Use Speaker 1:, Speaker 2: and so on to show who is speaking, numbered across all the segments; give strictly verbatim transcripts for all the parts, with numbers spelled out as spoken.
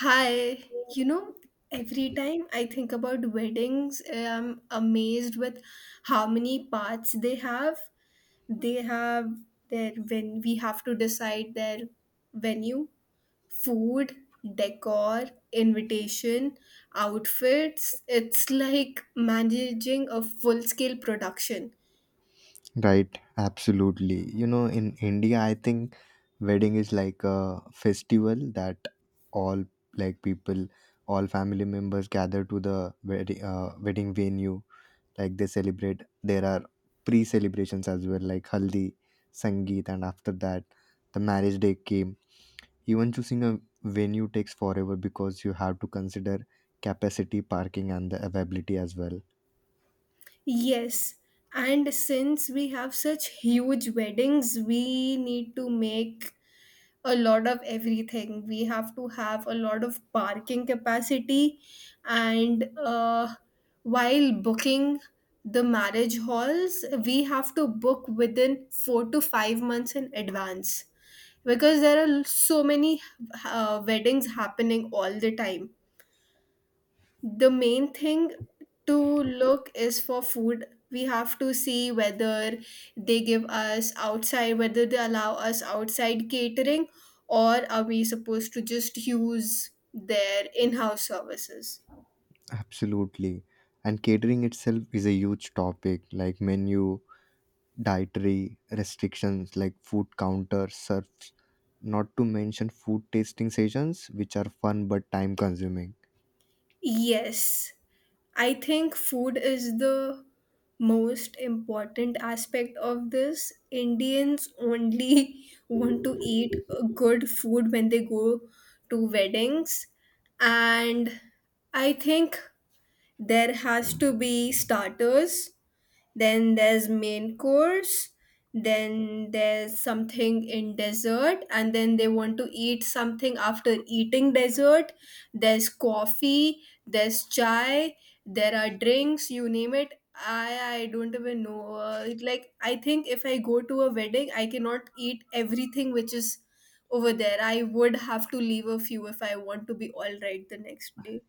Speaker 1: Hi, you know, every time I think about weddings, I'm amazed with how many parts they have. They have their, when we have to decide their venue, food, decor, invitation, outfits. It's like managing a full-scale production.
Speaker 2: Right, absolutely. You know, in India, I think wedding is like a festival that all like people, all family members gather to the wedding uh, wedding venue. Like they celebrate. There are pre celebrations as well, like haldi, sangeet, and after that, the marriage day came. Even choosing a venue takes forever because you have to consider capacity, parking, and the availability as well.
Speaker 1: Yes, and since we have such huge weddings, we need to make a lot of everything. We have to have a lot of parking capacity, and uh, while booking the marriage halls, we have to book within four to five months in advance because there are so many uh, weddings happening all the time. The main thing to look is for food. We have to see whether they give us outside, whether they allow us outside catering, or are we supposed to just use their in-house services.
Speaker 2: Absolutely. And catering itself is a huge topic, like menu, dietary restrictions, like food counter serves, not to mention food tasting sessions, which are fun but time consuming.
Speaker 1: Yes, I think food is the most important aspect of this. Indians only want to eat good food when they go to weddings. And I think there has to be starters, then there's main course, then there's something in dessert, and then they want to eat something after eating dessert. There's coffee, there's chai, there are drinks, you name it. I i don't even know, uh, like I think if I go to a wedding I cannot eat everything which is over there. I would have to leave a few if I want to be all right the next day.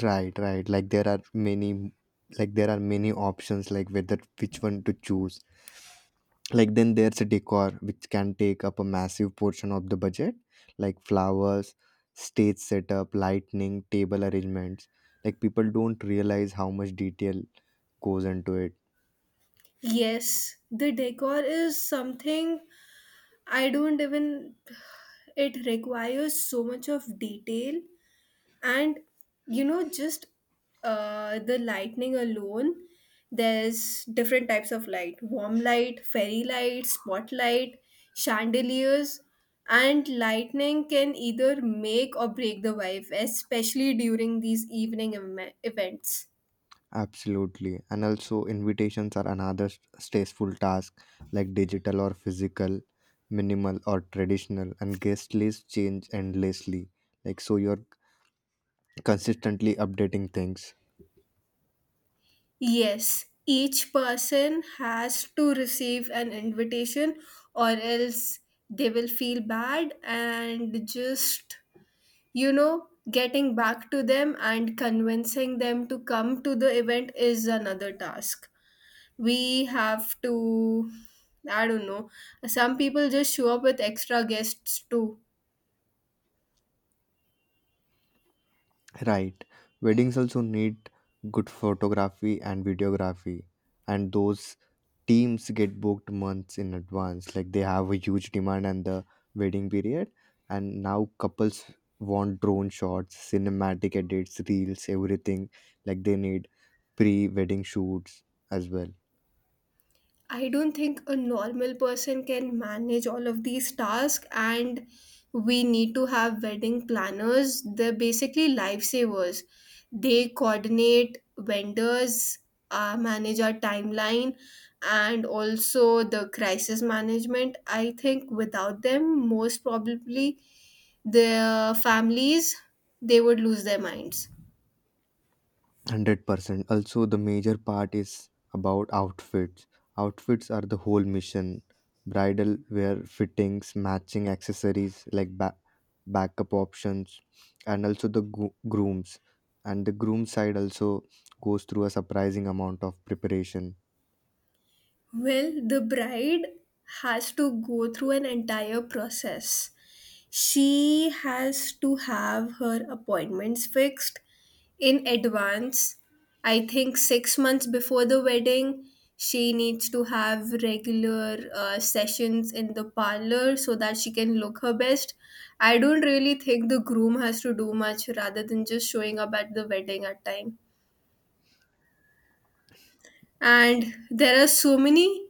Speaker 2: Right, right. Like there are many, like there are many options, like whether which one to choose. Like then there's a decor which can take up a massive portion of the budget, like flowers, stage setup, lighting, table arrangements. Like people don't realize how much detail goes into it.
Speaker 1: Yes, the decor is something I don't even, it requires so much of detail. And, you know, just uh, the lightning alone, there's different types of light: warm light, fairy light, spotlight, chandeliers. And lightning can either make or break the vibe, especially during these evening em- events.
Speaker 2: Absolutely. And also invitations are another s- stressful task, like digital or physical, minimal or traditional, and guest lists change endlessly, like so you're consistently updating things.
Speaker 1: Yes, each person has to receive an invitation, or else they will feel bad. And just, you know, getting back to them and convincing them to come to the event is another task. We have to, I don't know, some people just show up with extra guests too.
Speaker 2: Right. Weddings also need good photography and videography, and those teams get booked months in advance. Like they have a huge demand and the wedding period, and now couples want drone shots, cinematic edits, reels, everything. Like they need pre wedding shoots as well.
Speaker 1: I don't think a normal person can manage all of these tasks, and we need to have wedding planners. They're basically lifesavers. They coordinate vendors, uh, manage our timeline, and also the crisis management. I think without them, most probably the families they would lose their minds.
Speaker 2: one hundred percent. Also, the major part is about outfits. Outfits are the whole mission. Bridal wear, fittings, matching accessories like ba- backup options, and also the gro- grooms. And the groom side also goes through a surprising amount of preparation.
Speaker 1: Well, the bride has to go through an entire process. She has to have her appointments fixed in advance. I think six months before the wedding, she needs to have regular uh, sessions in the parlor so that she can look her best. I don't really think the groom has to do much rather than just showing up at the wedding at time. And there are so many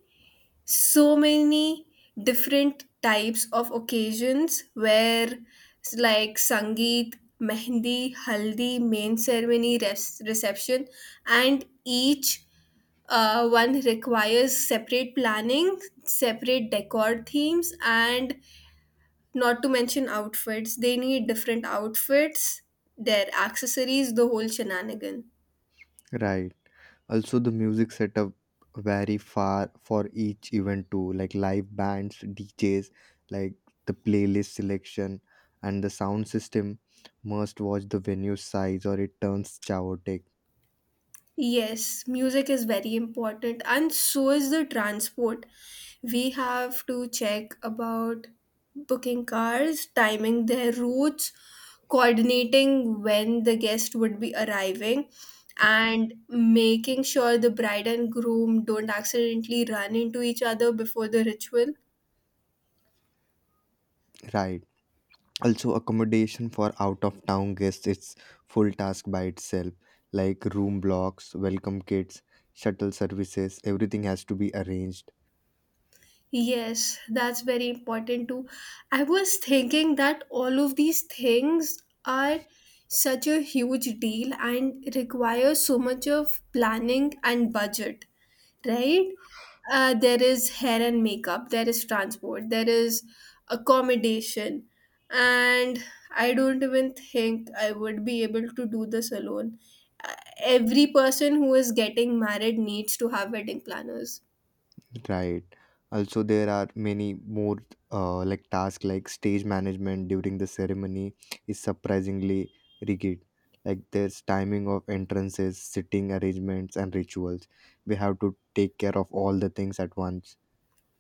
Speaker 1: so many different types of occasions where s- like sangeet, mehndi, haldi, main ceremony, res- reception. And each uh, one requires separate planning, separate decor themes, and not to mention outfits. They need different outfits, their accessories, the whole shenanigan.
Speaker 2: Right. Also, the music setup vary far for each event too, like live bands, D Js, like the playlist selection and the sound system must watch the venue size or it turns chaotic.
Speaker 1: Yes, music is very important, and so is the transport. We have to check about booking cars, timing their routes, coordinating when the guest would be arriving, and making sure the bride and groom don't accidentally run into each other before the ritual.
Speaker 2: Right. Also, accommodation for out of town guests, it's full task by itself, like room blocks, welcome kits, shuttle services, everything has to be arranged.
Speaker 1: Yes, that's very important too. I was thinking that all of these things are such a huge deal and require so much of planning and budget, right? Uh, there is hair and makeup, there is transport, there is accommodation, and I don't even think I would be able to do this alone. Uh, Every person who is getting married needs to have wedding planners.
Speaker 2: Right. Also, there are many more uh, like tasks, like stage management during the ceremony is surprisingly rigid. Like there's timing of entrances, sitting arrangements, and rituals. We have to take care of all the things at once.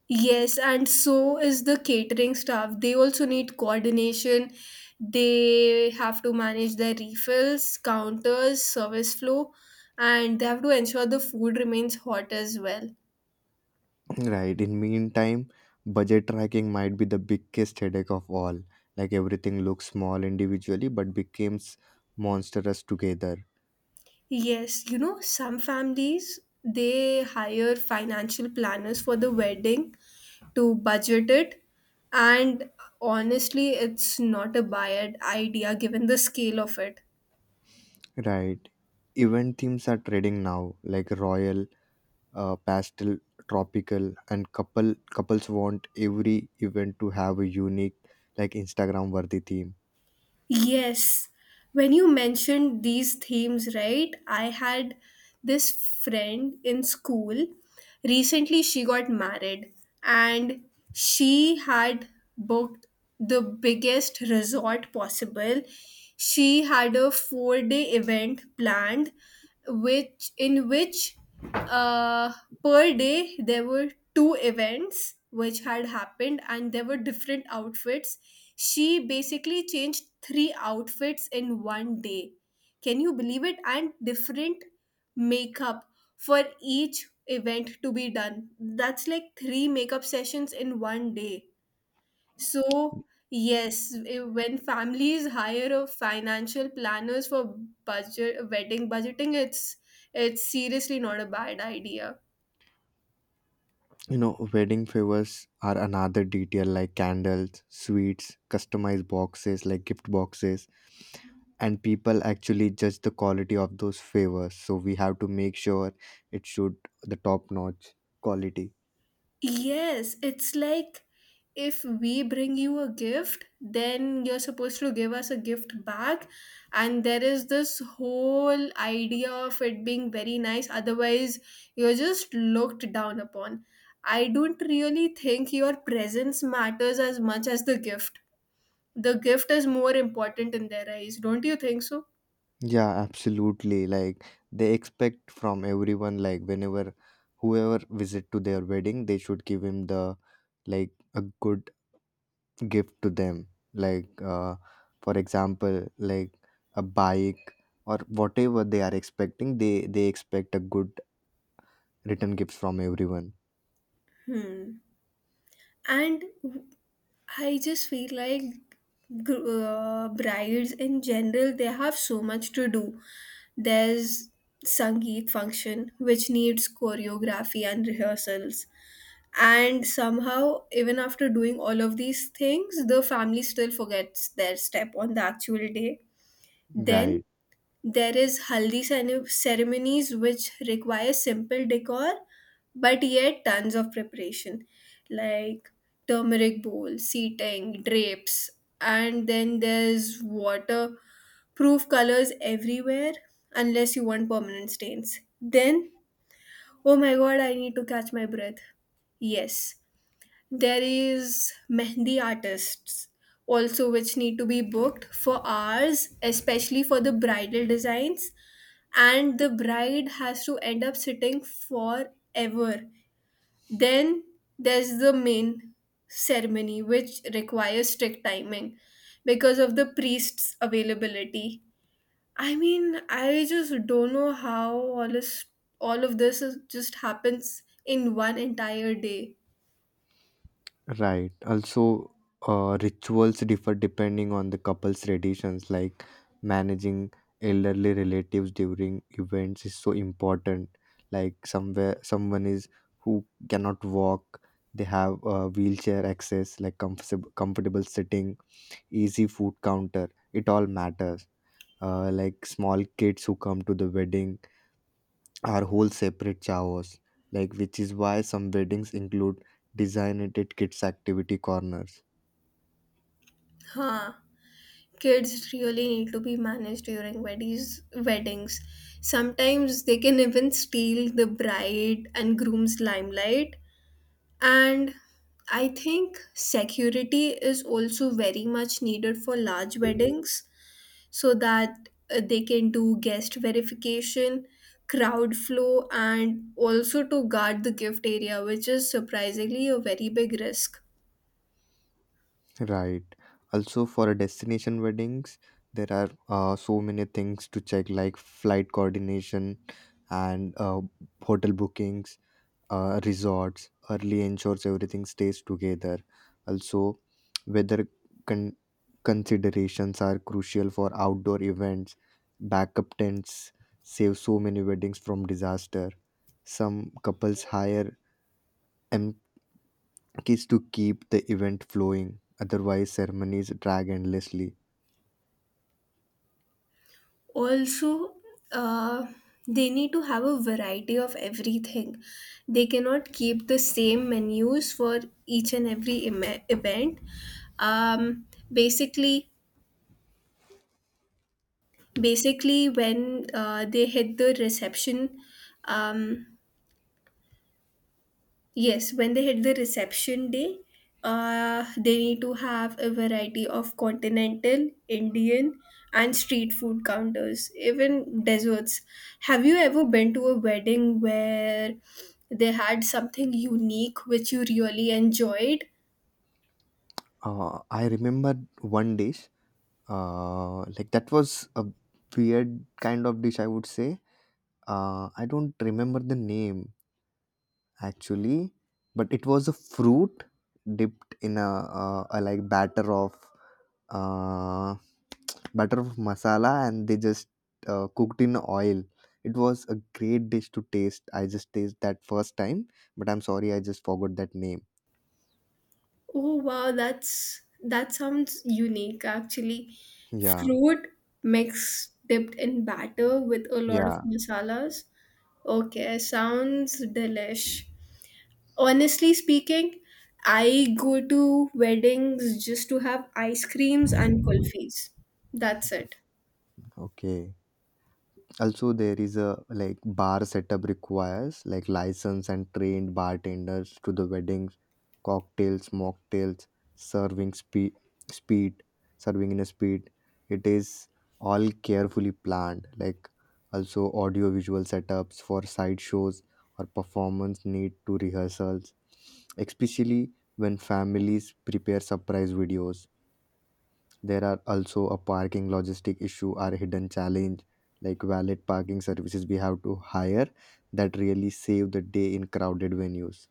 Speaker 1: Yes, and so is the catering staff. They also need coordination. They have to manage their refills, counters, service flow, and they have to ensure the food remains hot as well.
Speaker 2: Right. In meantime, budget tracking might be the biggest headache of all. Like everything looks small individually, but becomes monstrous together.
Speaker 1: Yes, you know, some families they hire financial planners for the wedding to budget it, and honestly, it's not a bad idea given the scale of it.
Speaker 2: Right. Event themes are trading now, like royal, uh, pastel, tropical, and couple couples want every event to have a unique, like Instagram-worthy theme.
Speaker 1: Yes, when you mentioned these themes, right? I had this friend in school. Recently, she got married, and she had booked the biggest resort possible. She had a four day event planned, which in which uh per day there were two events which had happened. And there were different outfits. She basically changed three outfits in one day. Can you believe it? And different makeup for each event to be done. That's like three makeup sessions in one day. So yes, eh, when families hire a financial planners for budget wedding budgeting, it's it's seriously not a bad idea.
Speaker 2: You know, wedding favors are another detail, like candles, sweets, customized boxes like gift boxes, and people actually judge the quality of those favors. So we have to make sure it should the top-notch quality.
Speaker 1: Yes, it's like if we bring you a gift, then you're supposed to give us a gift back. And there is this whole idea of it being very nice, otherwise, you're just looked down upon. I don't really think your presence matters as much as the gift. The gift is more important in their eyes, don't you think so?
Speaker 2: Yeah, absolutely. Like they expect from everyone, like whenever whoever visit to their wedding, they should give him the like a good gift to them. Like uh, for example, like a bike or whatever they are expecting, they they expect a good return gifts from everyone.
Speaker 1: Hmm. And I just feel like gr- uh, brides in general they have so much to do. There's Sangeet function which needs choreography and rehearsals. And somehow, even after doing all of these things, the family still forgets their step on the actual day. Then
Speaker 2: Right.
Speaker 1: there is haldi cene- ceremonies which require simple decor but yet tons of preparation, like turmeric bowl, seating, drapes. And then there's waterproof colors everywhere unless you want permanent stains. Then oh my god, I need to catch my breath. Yes. There is mehndi artists also which need to be booked for hours, especially for the bridal designs. And the bride has to end up sitting forever. Then there's the main ceremony, which requires strict timing because of the priest's availability. I mean, I just don't know how all this, all of this is, just happens in one entire day.
Speaker 2: Right. Also, uh, rituals differ depending on the couple's traditions, like managing elderly relatives during events is so important. Like somewhere someone is who cannot walk, they have uh, wheelchair access, like comfortable comfortable sitting, easy food counter. It all matters. Uh, like small kids who come to the wedding are whole separate showers, like which is why some weddings include designated kids activity corners.
Speaker 1: Huh. Kids really need to be managed during weddings. Weddings. Sometimes they can even steal the bride and groom's limelight. And I think security is also very much needed for large weddings so that uh, they can do guest verification, crowd flow, and also to guard the gift area, which is surprisingly a very big risk.
Speaker 2: Right. Also, for a destination weddings, there are uh, so many things to check, like flight coordination and uh, hotel bookings, uh, resorts. Early ensures everything stays together. Also, weather con- considerations are crucial for outdoor events. Backup tents save so many weddings from disaster. Some couples hire is to keep the event flowing. Otherwise, ceremonies drag endlessly.
Speaker 1: Also, uh, they need to have a variety of everything. They cannot keep the same menus for each and every em- event. Um, basically, basically when uh, they hit the reception um, yes, when they hit the reception day uh, they need to have a variety of continental, indian, and street food counters, even desserts. Have you ever been to a wedding where they had something unique which you really enjoyed?
Speaker 2: Uh, I remember one dish, uh, like that was a weird kind of dish, I would say. Uh, I don't remember the name actually, but it was a fruit dipped in a, uh, a like batter of uh, butter masala and they just uh, cooked in oil. It was a great dish to taste. I just taste that first time, but I'm sorry, I just forgot that name.
Speaker 1: Oh wow, that's that sounds unique actually.
Speaker 2: Yeah.
Speaker 1: Fruit mix dipped in batter with a lot of
Speaker 2: Yeah.
Speaker 1: masalas. Okay, sounds delish. Honestly speaking, I go to weddings just to have ice creams and kulfis. That's it.
Speaker 2: Okay, also there is a like bar setup requires like license and trained bartenders to the weddings, cocktails, mocktails, serving speed speed serving in a speed, it is all carefully planned. Like also audio visual setups for side shows or performance need to rehearsals, especially when families prepare surprise videos. There are also a parking logistic issue or hidden challenge, like valet parking services we have to hire that really save the day in crowded venues.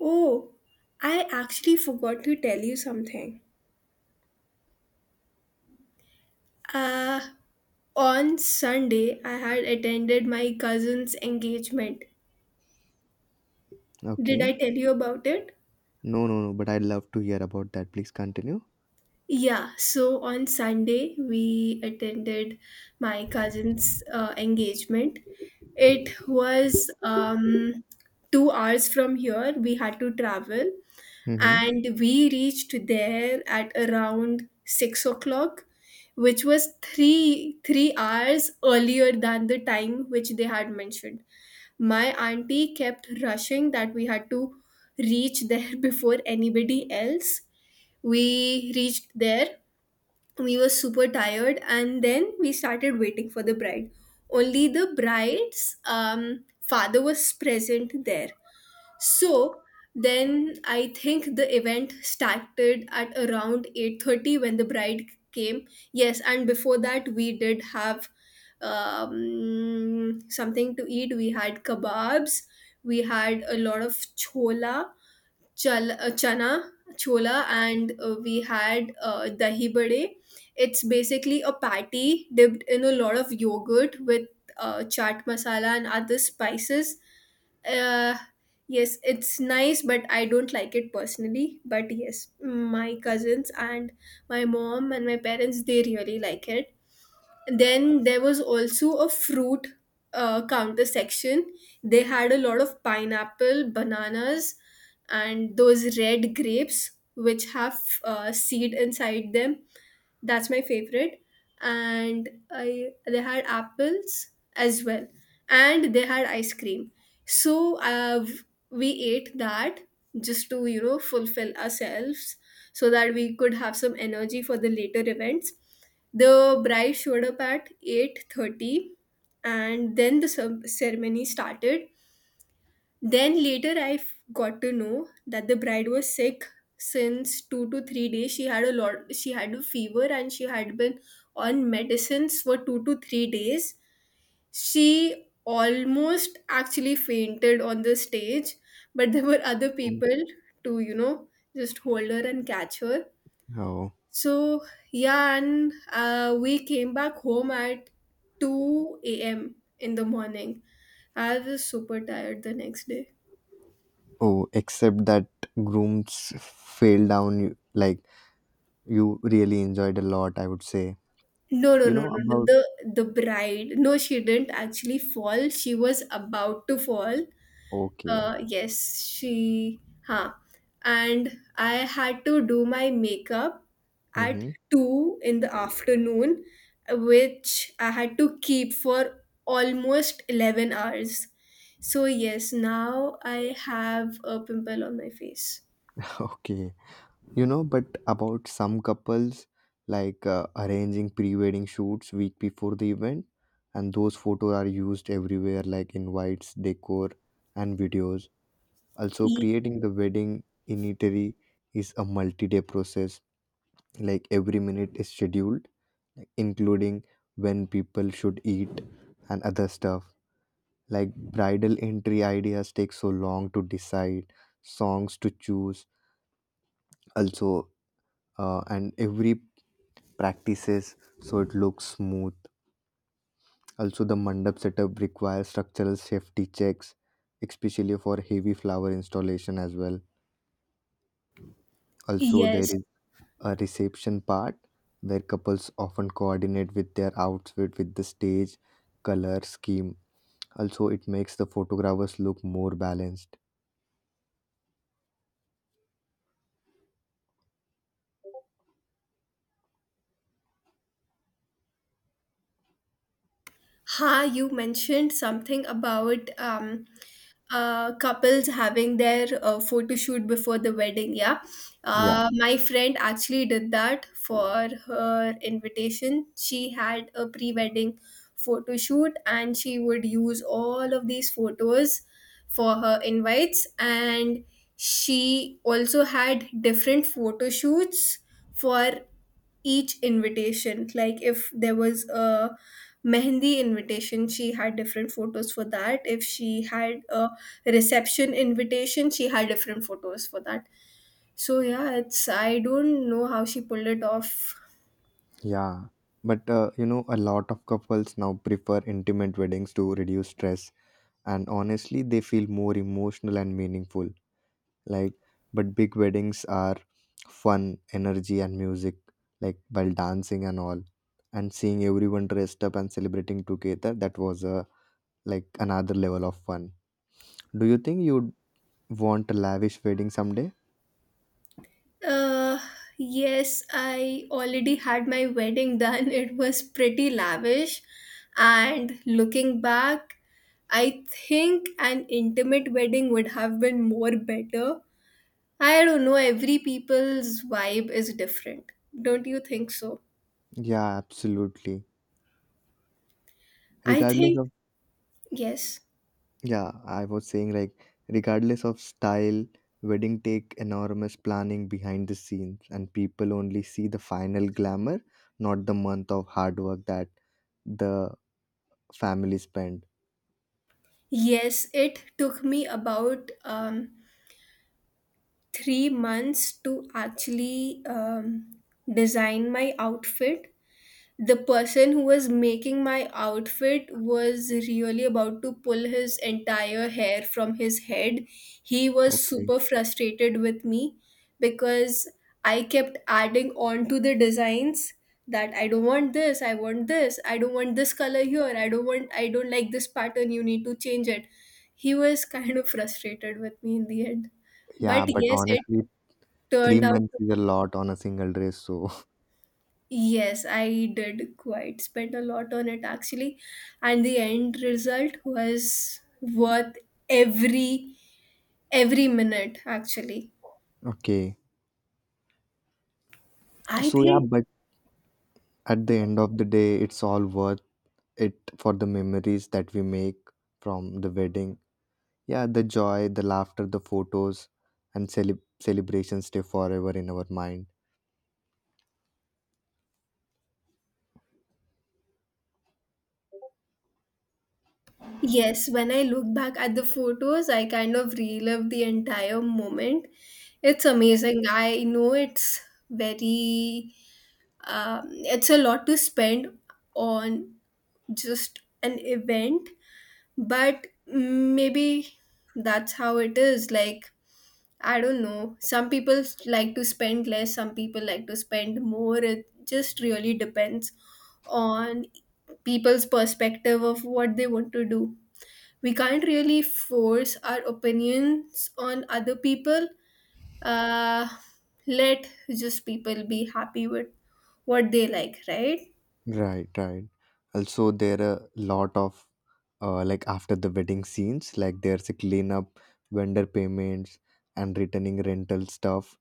Speaker 1: Oh, I actually forgot to tell you something. Uh, on Sunday, I had attended my cousin's engagement. Did I
Speaker 2: Okay.
Speaker 1: tell you about it?
Speaker 2: No, no, no, but I'd love to hear about that. Please continue.
Speaker 1: Yeah, so on Sunday we attended my cousin's uh, engagement. It was um, two hours from here. We had to travel,
Speaker 2: Mm-hmm.
Speaker 1: and we reached there at around six o'clock, which was three three hours earlier than the time which they had mentioned. My auntie kept rushing that we had to reach there before anybody else. We reached there. We were super tired, and then we started waiting for the bride. Only the bride's um, father was present there. So then I think the event started at around eight thirty when the bride came. Yes, and before that we did have um, something to eat. We had kebabs. We had a lot of chola chal, uh, chana chola. And uh, we had uh, dahi bade. It's basically a patty dipped in a lot of yogurt with uh, chaat masala and other spices. uh, yes, it's nice but I don't like it personally. But yes, my cousins and my mom and my parents they really like it. Then there was also a fruit uh, counter section. They had a lot of pineapple, bananas, and those red grapes which have uh, seed inside them. That's my favorite. And I they had apples as well, and they had ice cream. So uh, we ate that just to you know fulfill ourselves so that we could have some energy for the later events. The bride showed up at eight thirty, and then the ce- ceremony started. Then later I f- got to know that the bride was sick since two to three days. She had a lot she had a fever and she had been on medicines for two to three days. She almost actually fainted on the stage, but there were other people to you know just hold her and catch her.
Speaker 2: Oh.
Speaker 1: So yeah, and uh, we came back home at two a m in the morning. I was super tired the next day.
Speaker 2: Oh, except that grooms fail down you like you really enjoyed a lot, I would say.
Speaker 1: No, no,
Speaker 2: You
Speaker 1: no,
Speaker 2: know
Speaker 1: no, no.
Speaker 2: about
Speaker 1: The the bride. No, she didn't actually fall. She was about to fall.
Speaker 2: okay.
Speaker 1: Uh, yes, she. Huh. And I had to do my makeup at
Speaker 2: Mm-hmm.
Speaker 1: two in the afternoon, which I had to keep for almost eleven hours. So yes, now I have a pimple on my face.
Speaker 2: Okay. You know, but about some couples, like uh, arranging pre wedding shoots week before the event, and those photos are used everywhere, like invites, decor, and videos. Also,
Speaker 1: Y-
Speaker 2: creating the wedding itinerary is a multi day process, like every minute is scheduled, like, including when people should eat and other stuff. Like bridal entry ideas take so long to decide, songs to choose, also uh, and every practices so it looks smooth. Also, the mandap setup requires structural safety checks, especially for heavy flower installation as well. Also, there
Speaker 1: yes.
Speaker 2: is a reception part where couples often coordinate with their outfit with the stage color scheme. Also, it makes the photographers look more balanced.
Speaker 1: Ha, you mentioned something about um uh, couples having their uh, photo shoot before the wedding. Yeah,
Speaker 2: Yeah,
Speaker 1: uh, my friend actually did that for her invitation. She had a pre-wedding photo shoot, and she would use all of these photos for her invites. And she also had different photo shoots for each invitation. Like if there was a mehendi invitation, she had different photos for that. If she had a reception invitation, she had different photos for that. So yeah, it's I don't know how she pulled it off.
Speaker 2: yeah. But uh, you know, a lot of couples now prefer intimate weddings to reduce stress, and honestly they feel more emotional and meaningful. Like but big weddings are fun, energy and music, like while dancing and all, and seeing everyone dressed up and celebrating together, that was a like another level of fun. Do you think you'd want a lavish wedding someday?
Speaker 1: Uh yes, I already had my wedding done. It was pretty lavish, and looking back I think an intimate wedding would have been more better. I don't know, every people's vibe is different. Don't you think so?
Speaker 2: Yeah, absolutely.
Speaker 1: I
Speaker 2: Regardless
Speaker 1: think,
Speaker 2: of,
Speaker 1: yes.
Speaker 2: yeah, I was saying like regardless of style, wedding take enormous planning behind the scenes and people only see the final glamour, not the month of hard work that the family spent.
Speaker 1: Yes, it took me about um, three months to actually um, design my outfit. The person who was making my outfit was really about to pull his entire hair from his head. He was
Speaker 2: Okay.
Speaker 1: super frustrated with me because I kept adding on to the designs, that I don't want this, I want this, I don't want this color here, I don't want, I don't like this pattern, you need to change it. He was kind of frustrated with me in the end.
Speaker 2: Yeah,
Speaker 1: But
Speaker 2: but
Speaker 1: yes, it
Speaker 2: honestly, three
Speaker 1: turned out
Speaker 2: months
Speaker 1: to
Speaker 2: is a
Speaker 1: be.
Speaker 2: lot on a single dress, so
Speaker 1: Yes, I did quite spend a lot on it actually, and the end result was worth every every minute actually.
Speaker 2: okay.
Speaker 1: I
Speaker 2: So yeah,
Speaker 1: think
Speaker 2: but at the end of the day, it's all worth it for the memories that we make from the wedding. Yeah, the joy, the laughter, the photos, and cele- celebrations stay forever in our mind.
Speaker 1: yes, when I look back at the photos, I kind of relive the entire moment. It's amazing. I know it's very um, it's a lot to spend on just an event, but maybe that's how it is like I don't know. Some people like to spend less, some people like to spend more. It just really depends on people's perspective of what they want to do. We can't really force our opinions on other people. Uh, let just people be happy with what they like, right?
Speaker 2: Right, right. Also, there are a lot of uh, like after the wedding scenes, like there's a cleanup, vendor payments, and returning rental stuff.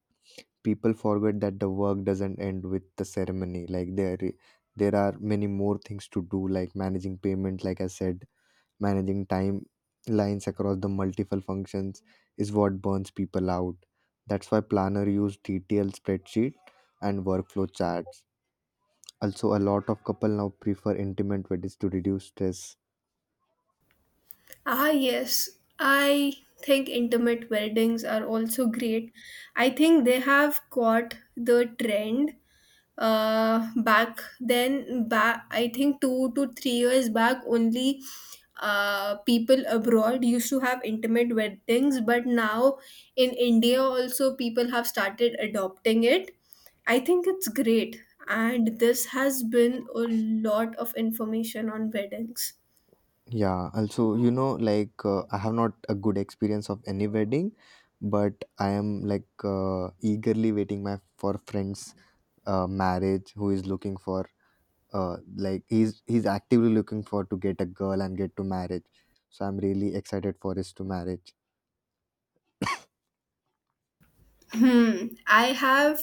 Speaker 2: People forget that the work doesn't end with the ceremony. Like there, there are many more things to do, like managing payment, like I said, managing timelines across the multiple functions is what burns people out. That's why planner use detailed spreadsheet and workflow charts. Also, a lot of couple now prefer intimate weddings to reduce stress.
Speaker 1: Ah, yes. I think intimate weddings are also great. I think they have caught the trend uh back then back I think two to three years back only. uh people abroad used to have intimate weddings but now in india also people have started adopting it. I think it's great, and this has been a lot of information on weddings.
Speaker 2: Yeah, also, you know, like uh, I have not a good experience of any wedding, but I am like uh, eagerly waiting my for friends uh, marriage who is looking for uh, like he's he's actively looking for to get a girl and get to marriage, so I'm really excited for his to marriage.
Speaker 1: Hmm. I have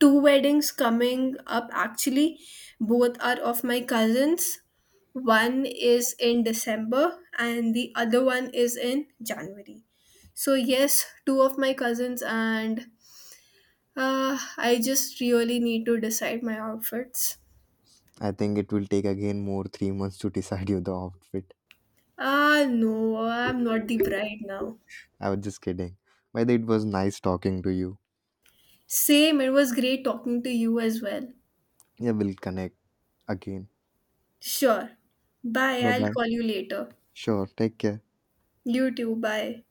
Speaker 1: two weddings coming up actually. Both are of my cousins. One is in December and the other one is in January. So, yes, two of my cousins, and uh, I just really need to decide my outfits.
Speaker 2: I think it will take again more three months to decide you the outfit.
Speaker 1: Ah, no, I'm not the bride now.
Speaker 2: I was just kidding. By the way, it was nice talking to you.
Speaker 1: Same, it was great talking to you as well.
Speaker 2: Yeah, we'll connect again.
Speaker 1: Sure. Bye,
Speaker 2: Bye
Speaker 1: I'll
Speaker 2: bye,
Speaker 1: call you later.
Speaker 2: sure, take care.
Speaker 1: You too, bye.